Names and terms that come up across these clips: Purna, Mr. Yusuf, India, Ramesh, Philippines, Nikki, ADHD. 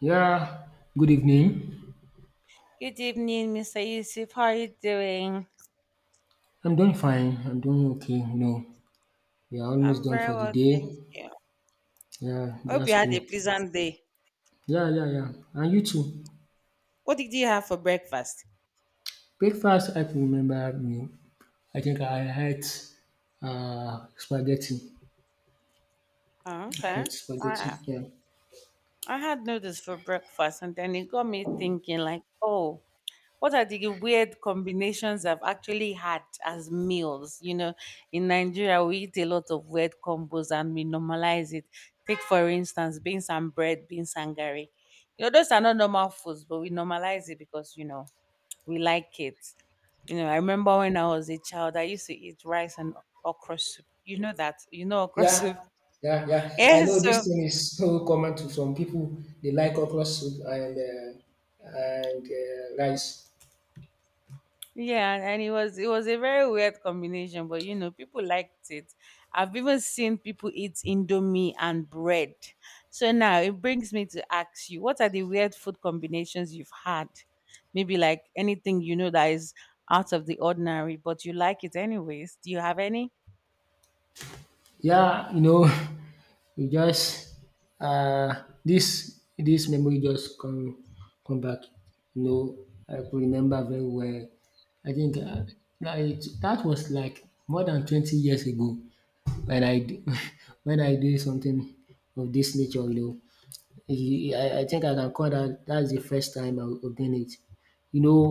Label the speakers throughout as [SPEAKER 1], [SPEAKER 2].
[SPEAKER 1] Yeah, good evening.
[SPEAKER 2] Good evening, Mr. Yusuf. How are you doing?
[SPEAKER 1] I'm doing fine. I'm doing okay. You know, we are almost
[SPEAKER 2] I'm
[SPEAKER 1] done
[SPEAKER 2] very
[SPEAKER 1] for the
[SPEAKER 2] well, thank
[SPEAKER 1] day.
[SPEAKER 2] you.
[SPEAKER 1] Yeah,
[SPEAKER 2] Hope you
[SPEAKER 1] that's
[SPEAKER 2] had a
[SPEAKER 1] cool.
[SPEAKER 2] pleasant day.
[SPEAKER 1] Yeah, yeah, yeah. And you too.
[SPEAKER 2] What did you have for breakfast?
[SPEAKER 1] Breakfast, I can remember, you know, I think I had spaghetti.
[SPEAKER 2] Oh,
[SPEAKER 1] I
[SPEAKER 2] okay.
[SPEAKER 1] had spaghetti.
[SPEAKER 2] I
[SPEAKER 1] Yeah.
[SPEAKER 2] I had noodles for breakfast, and then it got me thinking, like, oh, what are the weird combinations I've actually had as meals? You know, in Nigeria, we eat a lot of weird combos, and we normalize it. Take for instance, beans and bread, beans and gari. You know, those are not normal foods, but we normalize it because you know. We like it. You know, I remember when I was a child, I used to eat rice and okra soup. You know that, you know okra
[SPEAKER 1] Yeah.
[SPEAKER 2] soup.
[SPEAKER 1] Yeah, yeah. I
[SPEAKER 2] Yeah,
[SPEAKER 1] know
[SPEAKER 2] so
[SPEAKER 1] this thing is so common to some people. They like okra soup and and rice.
[SPEAKER 2] yeah, and it was a very weird combination, but you know, people liked it. I've even seen people eat indomie and bread. So now it brings me to ask you, what are the weird food combinations you've had? Maybe like anything you know that is out of the ordinary, but you like it anyways. Do you have any?
[SPEAKER 1] Yeah, you know, You just um this memory just come back, you know, I could remember very well. I think like that was like more than 20 years ago when I do, when I do something of this nature, you know. I think I can call that's the first time I was done it. You know,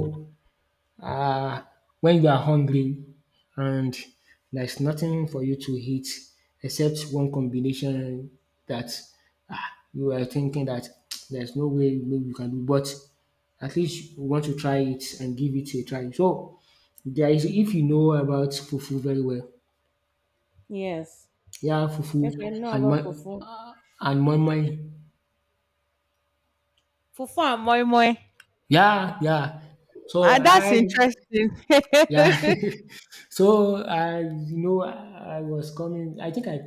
[SPEAKER 1] uh, when you are hungry and there's nothing for you to eat except one combination that ah, you are thinking that there's no way maybe you can do, but at least you want to try it and give it a try. So there is, if you know about fufu very well,
[SPEAKER 2] Yes.
[SPEAKER 1] yeah, fufu
[SPEAKER 2] Yes, I know about fufu.
[SPEAKER 1] uh, and moi moi,
[SPEAKER 2] Fufu and moi moi.
[SPEAKER 1] yeah, yeah. So
[SPEAKER 2] Ah, that's
[SPEAKER 1] I.
[SPEAKER 2] interesting.
[SPEAKER 1] Yeah.
[SPEAKER 2] It's
[SPEAKER 1] So I, you know, I was coming. I think I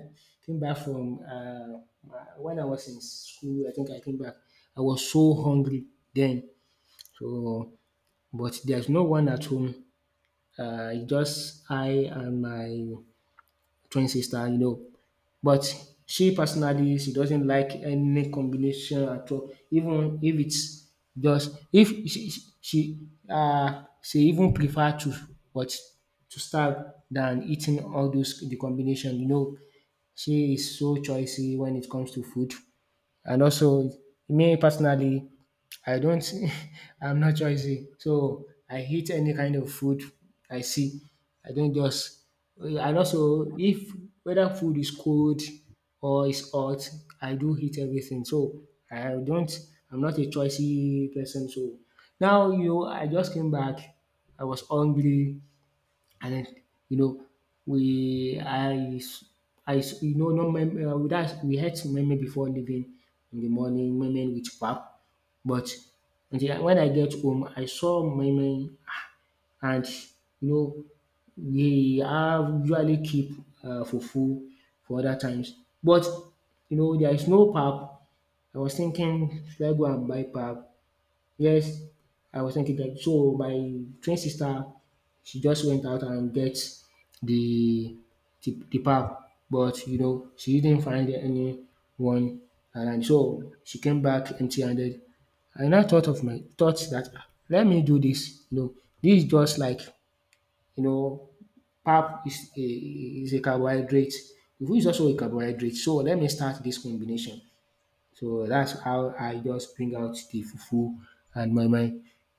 [SPEAKER 1] came back from when I was in school. I think I came back. I was so hungry then. So, but there's no one at home. It's just I and my twin sister, you know. But she personally, she doesn't like any combination at all. Even if it's just if she, she even prefer to what, to starve than eating all those the combination, you know. She is so choosy when it comes to food. And also, me personally, I don't, I'm not choosy. So I eat any kind of food I see. I don't just, and also if whether food is cold or is hot, I do eat everything. So I don't, I'm not a choosy person. So now you, I just came back. I was hungry. And then, you know, we you know not we that we ate meme before leaving in the morning, meme with pap. But when I get home, I saw meme and, you know, we have usually keep fufu for other times. But you know there is no pap. I was thinking should I go and buy pap. Yes, I was thinking that. So my twin sister, she just went out and get the the pap, but you know she didn't find anyone, and so she came back empty-handed. I now thought of my thoughts that ah, let me do this. You know, this is just like, you know, pap is a carbohydrate. Food is also a carbohydrate, so let me start this combination. So that's how I just bring out the fufu and my,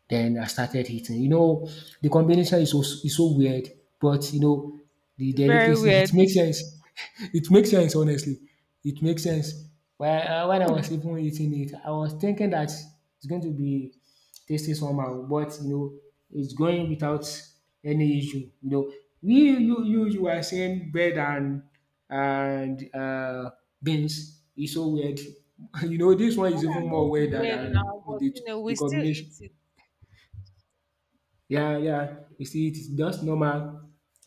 [SPEAKER 1] then I started eating. You know, the combination is so weird, but you know, the
[SPEAKER 2] very
[SPEAKER 1] delicacy
[SPEAKER 2] weird.
[SPEAKER 1] it makes sense. It makes sense honestly. It makes sense. When I was
[SPEAKER 2] Hmm.
[SPEAKER 1] even eating it, I was thinking that it's going to be tasting somehow, but you know, it's going without any issue. You know, we you are saying bread and and beans is so weird. You know, this one
[SPEAKER 2] Well,
[SPEAKER 1] is even
[SPEAKER 2] and this
[SPEAKER 1] more
[SPEAKER 2] is
[SPEAKER 1] weird
[SPEAKER 2] weird
[SPEAKER 1] than
[SPEAKER 2] now, but you know, we
[SPEAKER 1] the
[SPEAKER 2] still eat
[SPEAKER 1] combination.
[SPEAKER 2] it.
[SPEAKER 1] Yeah, yeah. You see, it's just normal.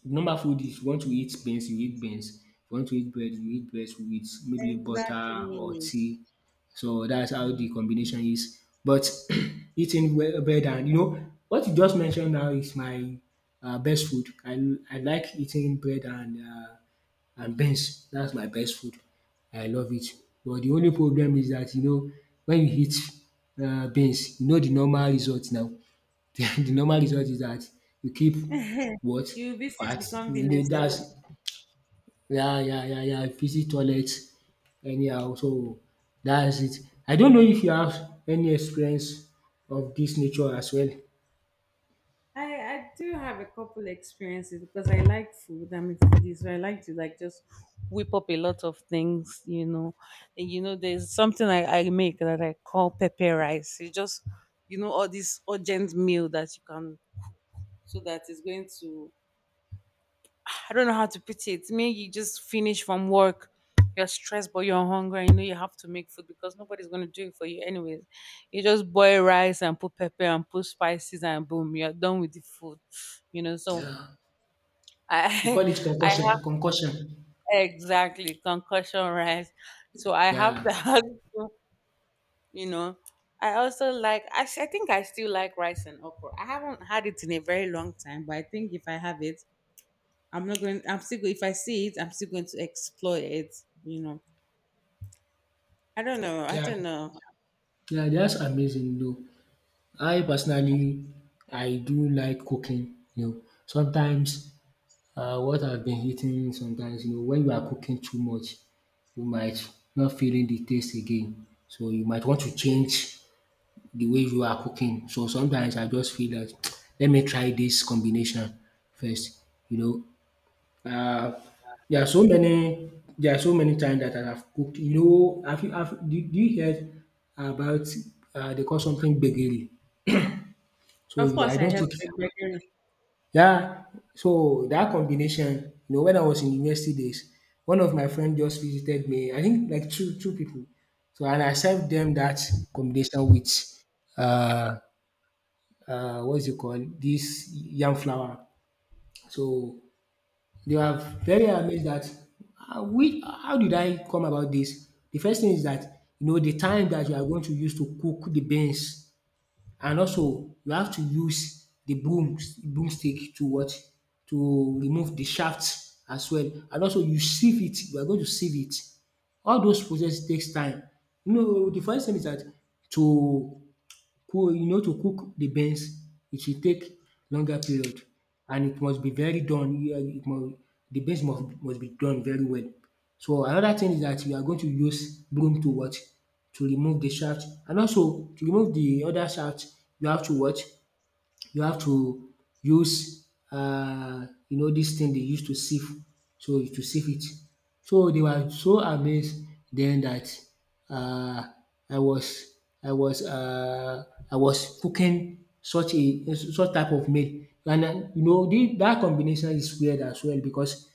[SPEAKER 1] Normal food is you want to eat beans. You want to eat bread, you eat bread with maybe butter or
[SPEAKER 2] Exactly.
[SPEAKER 1] tea. So that's how the combination is. But eating bread and, you know, what you just mentioned now is my best food. I like eating bread and and beans. That's my best food. I love it. But the only problem is that you know when you eat beans, you know the normal result now. The normal result is that you keep what?
[SPEAKER 2] You visit
[SPEAKER 1] Fat.
[SPEAKER 2] the
[SPEAKER 1] You
[SPEAKER 2] convenience
[SPEAKER 1] know,
[SPEAKER 2] a lot.
[SPEAKER 1] that's yeah, yeah, yeah, yeah. Visit toilet anyhow. So that's it. I don't know if you have any experience of this nature as well.
[SPEAKER 2] I do have a couple experiences because I like food. I'm a foodie, so I like to like just whip up a lot of things, you know. And you know, there's something I make that I call pepper rice. You just you know all this urgent meal that you can so that it's going to, I don't know how to put it. Maybe you just finish from work, you're stressed, but you're hungry, and you know you have to make food because nobody's gonna do it for you anyways. You just boil rice and put pepper and put spices and boom, you're done with the food. You know, so
[SPEAKER 1] Yeah. We
[SPEAKER 2] I
[SPEAKER 1] call it
[SPEAKER 2] I have
[SPEAKER 1] concussion. Concussion.
[SPEAKER 2] exactly concussion rice. So I have
[SPEAKER 1] Yeah.
[SPEAKER 2] that. You know, I also like. I think I still like rice and okra. I haven't had it in a very long time, but I think if I have it I'm not going. If I see it, I'm still going to explore it. You know, I don't know. I
[SPEAKER 1] Yeah.
[SPEAKER 2] don't know.
[SPEAKER 1] Yeah, that's amazing though. I personally, I do like cooking, you know. Sometimes what I've been eating sometimes, you know, when you are cooking too much you might not feeling the taste again, so you might want to change the way you are cooking. So sometimes I just feel that let me try this combination first, you know. um There are so many, there are so many times that I have cooked, you know, have you have do you heard about they call something gbegiri? So
[SPEAKER 2] Of
[SPEAKER 1] yeah, I
[SPEAKER 2] course, I
[SPEAKER 1] don't
[SPEAKER 2] have
[SPEAKER 1] think.
[SPEAKER 2] regret.
[SPEAKER 1] Yeah, so that combination, you know, when I was in university days, one of my friend just visited me. I think like two people. So and I served them that combination with uh uh, what's it called? This yam flour. So they were very amazed that, we how did I come about this? The first thing is that, you know, the time that you are going to use to cook the beans and also you have to use the broomstick to what? To remove the shaft as well. And also you sieve it, you are going to sieve it. All those process takes time. You know the funny thing is that to you know, to cook the beans, it should take longer period and it must be very done. You are- it must, the beans must be done very well. So another thing is that you are going to use broom to what? To remove the shaft, and also to remove the other shaft you have to what? You have to use you know this thing they use to sieve, so to sieve it. So they were so amazed then that, uh, I was, I was uh I was cooking such a such type of meal, and you know the that combination is weird as well because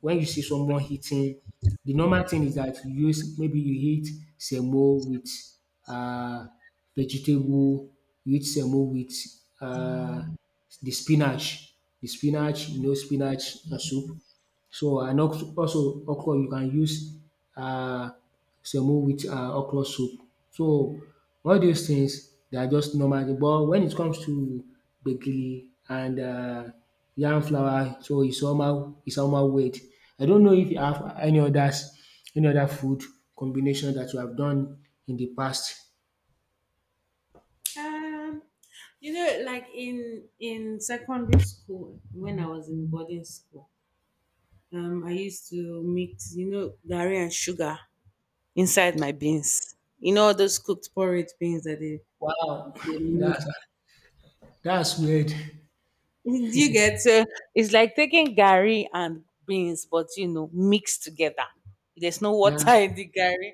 [SPEAKER 1] when you see someone eating, the normal thing is that you use maybe you eat semo with um vegetable, you eat semo with um the spinach, the spinach, you know spinach na soup. So and also also okra, you can use um semo with okra soup. So all those things they are just normal, but when it comes to gbegiri and yam flour, so it's somehow, it's somehow weird. I don't know if you have any others, any other food combination that you have done in the past.
[SPEAKER 2] Um, you know, like in secondary school when I was in boarding school, I used to mix you know gari and sugar inside my beans. You know those cooked porridge beans that they
[SPEAKER 1] Wow,
[SPEAKER 2] they make.
[SPEAKER 1] that's that's weird.
[SPEAKER 2] You get so it's like taking gari and beans, but you know mixed together. There's no
[SPEAKER 1] Yeah,
[SPEAKER 2] water in the gari.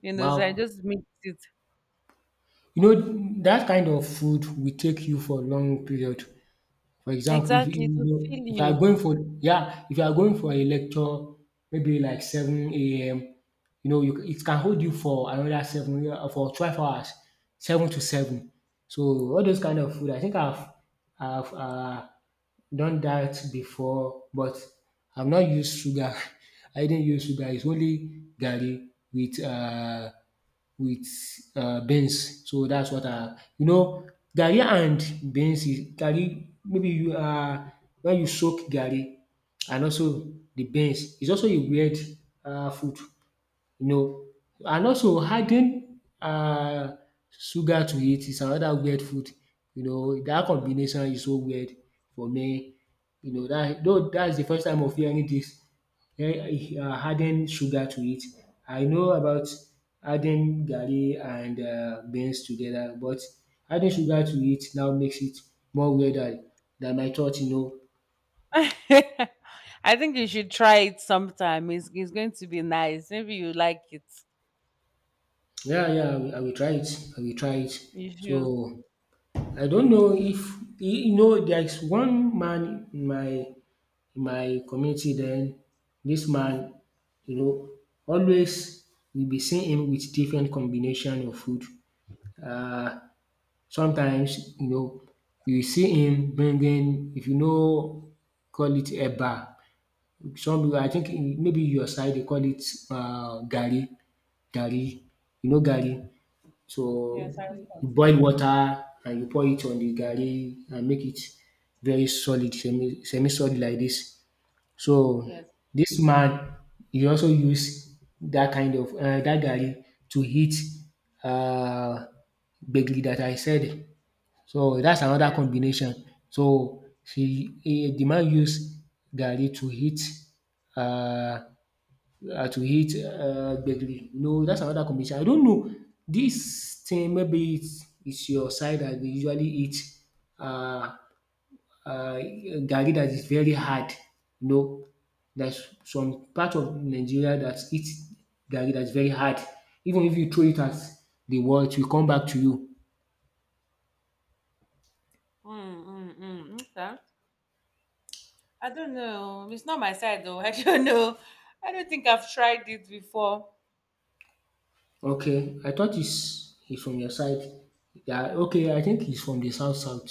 [SPEAKER 2] You know, so I
[SPEAKER 1] wow.
[SPEAKER 2] just mix it.
[SPEAKER 1] You know, that kind of food will take you for a long period. For example, if you,
[SPEAKER 2] Exactly,
[SPEAKER 1] you
[SPEAKER 2] to
[SPEAKER 1] know,
[SPEAKER 2] feel
[SPEAKER 1] if you are
[SPEAKER 2] you.
[SPEAKER 1] going for yeah, if you are going for a lecture, maybe like 7 a.m. You know, you, it can hold you for another seven yeah, for 12 hours, 7 to 7. So all those kind of food, I think I've I've uh, done that before, but I've not used sugar. I didn't use sugar. It's only garri with with beans. So that's what I, you know, garri and beans is garri maybe you when you soak garri and also the beans. It's also a weird food, you know. And also adding sugar to it is another weird food, you know. That combination is so weird for me, you know. That though that's the first time of hearing dis adding sugar to it. I know about adding garri and beans together, but adding sugar to it now makes it more weirder than I thought, you know.
[SPEAKER 2] I think you should try it sometime. It's going to be nice. Maybe you like it.
[SPEAKER 1] Yeah, yeah, I will try it, I will try it.
[SPEAKER 2] You
[SPEAKER 1] So
[SPEAKER 2] should.
[SPEAKER 1] I don't know if, you know, there is one man in my community then, this man, you know, always we be seeing him with different combination of food. um Sometimes, you know, you see him bringing, if you know, call it eba, some people, I think maybe your side they call it gari. Garri, you know, gari. So
[SPEAKER 2] Yes, I
[SPEAKER 1] you
[SPEAKER 2] suppose.
[SPEAKER 1] boil water and you pour it on the garri and make it very solid, semi solid like this. So
[SPEAKER 2] Yes,
[SPEAKER 1] this man, he also use that kind of dat garri to heat uh, gbegiri that I said. So that's another
[SPEAKER 2] yes.
[SPEAKER 1] combination. So she, the man use garri to heat uh to eat gbegiri. No, that's another combination. I don't know. This thing maybe it's your side that we usually eat uh, uh, garri that is very hard. No, there's some part of Nigeria that eats garri that's very hard. Even if you throw it at the wall, it will come back to you.
[SPEAKER 2] Mm, mm, mm. Okay. I don't know. It's not my side though. I don't know. I don't think I've tried it before.
[SPEAKER 1] Okay, I thought he's from your side. Yeah, okay, I think he's from the south south.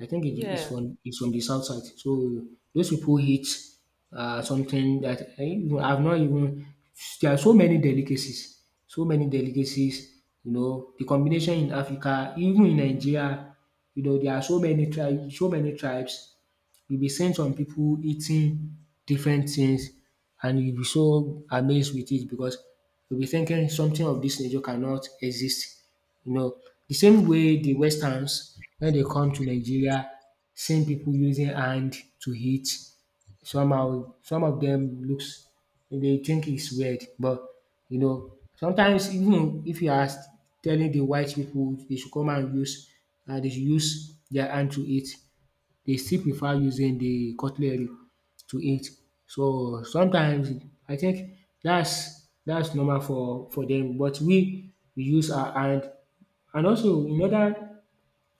[SPEAKER 1] I think it is
[SPEAKER 2] Yes.
[SPEAKER 1] from it's from the south side. So those people eat something that I've not even. There are so many delicacies, so many delicacies. You know the combination in Africa, even in Nigeria. You know there are so many tribes, so many tribes. You'll be seeing some people eating different things, and you'll be so amazed with it because you'll be thinking something of this nature cannot exist. You know, the same way the westerns, when they come to Nigeria seeing people using hand to eat, somehow some of them looks, they think it's weird. But you know, sometimes even if you are telling the white people they should come and use, they should use their hand to eat, they still prefer using the cutlery to eat. So sometimes I think that's normal for them. But we use our hand. And also in other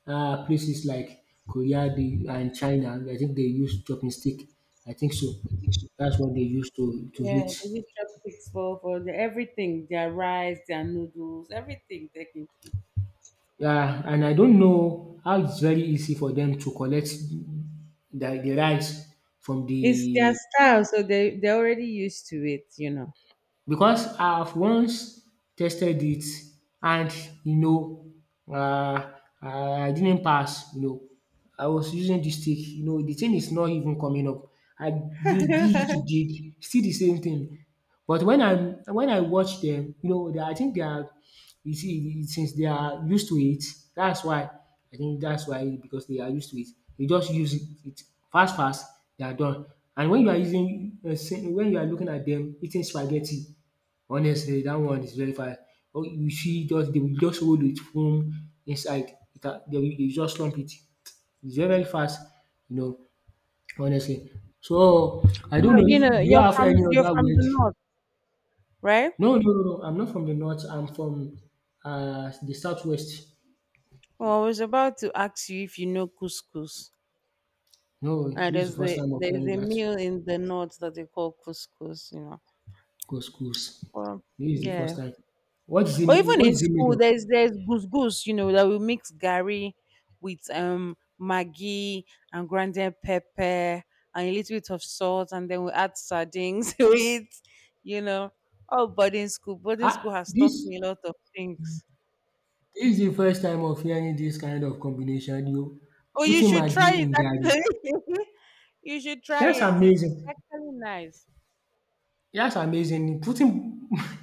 [SPEAKER 1] places like Korea dey and China, I think they use chopping stick, I think so. That's what they use to
[SPEAKER 2] Yeah, they
[SPEAKER 1] eat.
[SPEAKER 2] use chopsticks for the, everything, their rice, their noodles, everything technically.
[SPEAKER 1] Yeah, and I don't know how it's very easy for them to collect the rice from
[SPEAKER 2] It's their
[SPEAKER 1] the,
[SPEAKER 2] style, so they they're already used to it, you know.
[SPEAKER 1] because I've once tested it. And you know, I didn't pass, you know. I was using the stick, you know, the thing is not even coming up. I used it to dig, still the same thing. But when I, when I watch them, you know, they I think they are, you see, since they are used to it, that's why. I think that's why, because they are used to it. They just use it, fast, they are done. And when you are using, when you are looking at them eating spaghetti, honestly, that one is very fast. Oh, you see, just they will just hold it from inside without, they will dey just slump it. It's very very fast, you know, honestly. So, I don't
[SPEAKER 2] But
[SPEAKER 1] know
[SPEAKER 2] you
[SPEAKER 1] if,
[SPEAKER 2] know,
[SPEAKER 1] do you have any
[SPEAKER 2] you're
[SPEAKER 1] other
[SPEAKER 2] from the
[SPEAKER 1] weird.
[SPEAKER 2] north, right?
[SPEAKER 1] No. I'm not from the north, I'm from, the southwest.
[SPEAKER 2] Well, I was about to ask you if you know couscous.
[SPEAKER 1] No,
[SPEAKER 2] And
[SPEAKER 1] this is the first time of
[SPEAKER 2] there's
[SPEAKER 1] hearing
[SPEAKER 2] a
[SPEAKER 1] that.
[SPEAKER 2] meal in the north that they call couscous, you know.
[SPEAKER 1] Go schools.
[SPEAKER 2] Well,
[SPEAKER 1] This is the first
[SPEAKER 2] yeah.
[SPEAKER 1] time.
[SPEAKER 2] But even
[SPEAKER 1] What
[SPEAKER 2] in
[SPEAKER 1] is it made
[SPEAKER 2] school,
[SPEAKER 1] of?
[SPEAKER 2] there's couscous, you know, that we mix gari with maggi and grounded pepper and a little bit of salt, and then we add sardines to it, you know. Oh, boarding school
[SPEAKER 1] Ah,
[SPEAKER 2] has taught
[SPEAKER 1] this
[SPEAKER 2] me a lot of things.
[SPEAKER 1] This is the first time of hearing this kind of combination, you
[SPEAKER 2] Oh, you
[SPEAKER 1] putting
[SPEAKER 2] should try
[SPEAKER 1] maggi
[SPEAKER 2] it
[SPEAKER 1] in garri.
[SPEAKER 2] actually. You should try
[SPEAKER 1] That's
[SPEAKER 2] it. It's
[SPEAKER 1] amazing.
[SPEAKER 2] actually nice.
[SPEAKER 1] That's amazing. Putting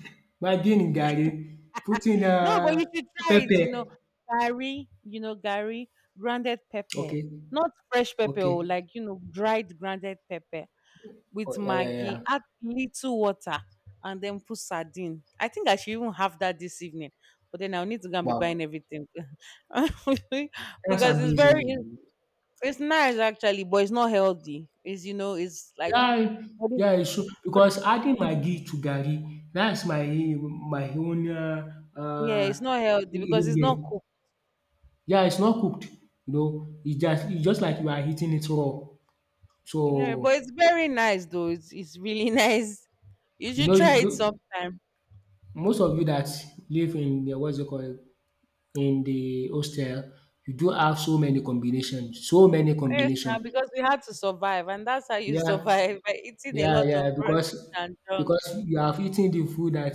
[SPEAKER 1] maggi in garri, putting
[SPEAKER 2] No, but you should try it.
[SPEAKER 1] pepper.
[SPEAKER 2] You know, Gary, grounded pepper.
[SPEAKER 1] Okay,
[SPEAKER 2] Not fresh pepper,
[SPEAKER 1] okay.
[SPEAKER 2] oh, like, you know, dried grounded pepper with
[SPEAKER 1] Oh, yeah, yeah,
[SPEAKER 2] Maggi.
[SPEAKER 1] yeah.
[SPEAKER 2] Add little water and then put sardine. I think I should even have that this evening. But then I'll need to go and be
[SPEAKER 1] Wow,
[SPEAKER 2] buying everything. Because
[SPEAKER 1] that's
[SPEAKER 2] it's very,
[SPEAKER 1] amazing.
[SPEAKER 2] it's nice actually, but it's not healthy. It's, you know, it's like,
[SPEAKER 1] Yeah,
[SPEAKER 2] what is,
[SPEAKER 1] yeah, it's true. Because adding maggi to garri, that's my own
[SPEAKER 2] yeah,
[SPEAKER 1] uh,
[SPEAKER 2] it's not healthy because it's not
[SPEAKER 1] ingredient.
[SPEAKER 2] cooked.
[SPEAKER 1] Yeah, it's not cooked. You know, it's just like you are eating it raw.
[SPEAKER 2] Yeah, but
[SPEAKER 1] So,
[SPEAKER 2] it's very nice though. It's really nice. You
[SPEAKER 1] you
[SPEAKER 2] should
[SPEAKER 1] know, you
[SPEAKER 2] try it
[SPEAKER 1] do
[SPEAKER 2] sometime.
[SPEAKER 1] most of you that live in the what's it called, in the hostel, you do have so many combination, so many
[SPEAKER 2] Yes,
[SPEAKER 1] combination.
[SPEAKER 2] now because we had to survive, and that's how you
[SPEAKER 1] Yeah.
[SPEAKER 2] survive by eating a
[SPEAKER 1] Yeah,
[SPEAKER 2] lot
[SPEAKER 1] yeah,
[SPEAKER 2] of rubbish and junk.
[SPEAKER 1] because you have eaten the food that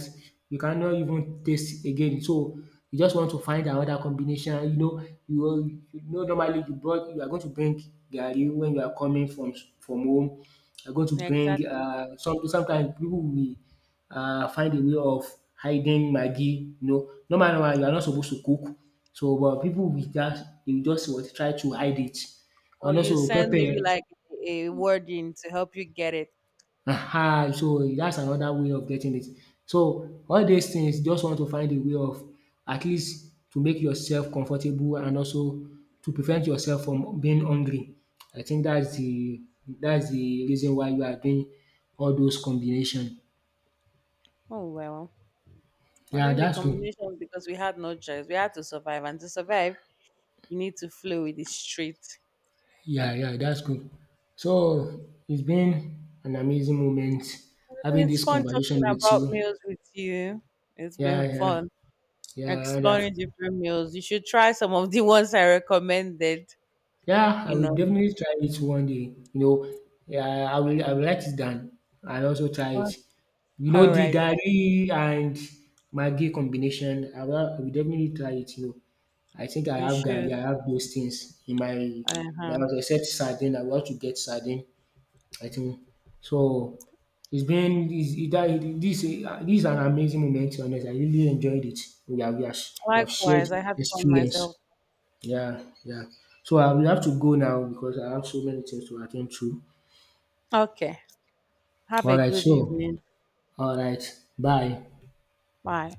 [SPEAKER 1] you cannot even taste again. So you just want to find another combination. You know, you know normally you are going to bring garri when you are coming from from home. You're going to bring
[SPEAKER 2] Exactly.
[SPEAKER 1] some, sometimes people will find a way of hiding maggi. You know, normally you are not supposed to cook. So but people will just, they will just what try to hide it.
[SPEAKER 2] Or
[SPEAKER 1] And
[SPEAKER 2] you
[SPEAKER 1] also
[SPEAKER 2] send maybe
[SPEAKER 1] pepper.
[SPEAKER 2] like a word in to help you get it.
[SPEAKER 1] Aha! So, that's another way of getting it. So, all these things, just want to find a way of, at least, to make yourself comfortable and also to prevent yourself from being hungry. I think that's the reason why you are doing all those combination.
[SPEAKER 2] Oh well. I
[SPEAKER 1] Yeah,
[SPEAKER 2] think the
[SPEAKER 1] that's good.
[SPEAKER 2] combination was because we had no choice. We had to survive, and to survive, you need to flow with it straight.
[SPEAKER 1] Yeah, yeah, that's good. So, it's been an amazing moment
[SPEAKER 2] It's
[SPEAKER 1] having
[SPEAKER 2] been
[SPEAKER 1] this
[SPEAKER 2] fun talking
[SPEAKER 1] conversation with
[SPEAKER 2] about
[SPEAKER 1] you.
[SPEAKER 2] meals with you. It's
[SPEAKER 1] Yeah,
[SPEAKER 2] been
[SPEAKER 1] yeah,
[SPEAKER 2] fun.
[SPEAKER 1] yeah. and I've
[SPEAKER 2] Exploring different meals. You should try some of the ones I recommended,
[SPEAKER 1] Yeah, I
[SPEAKER 2] you
[SPEAKER 1] will
[SPEAKER 2] know.
[SPEAKER 1] definitely try it one day. You know, yeah, I will write it down and also try it.
[SPEAKER 2] Oh,
[SPEAKER 1] You know,
[SPEAKER 2] all
[SPEAKER 1] the
[SPEAKER 2] right then.
[SPEAKER 1] garri and maggi combination, I will definitely try it. You know, I think I
[SPEAKER 2] You
[SPEAKER 1] have
[SPEAKER 2] should.
[SPEAKER 1] garri, I have those things in my my
[SPEAKER 2] Uh-huh.
[SPEAKER 1] house except sardine. I want to get sardine. I think so. It's been it's, it, that- this is an amazing moment. Honest, I really enjoyed it. We have we have, we have shared
[SPEAKER 2] Likewise, I had fun
[SPEAKER 1] experience.
[SPEAKER 2] myself.
[SPEAKER 1] Yeah, yeah. So I will have to go now because I have so many things to attend to.
[SPEAKER 2] Okay. Have a
[SPEAKER 1] All right,
[SPEAKER 2] good
[SPEAKER 1] so
[SPEAKER 2] evening.
[SPEAKER 1] all right, bye.
[SPEAKER 2] Bye.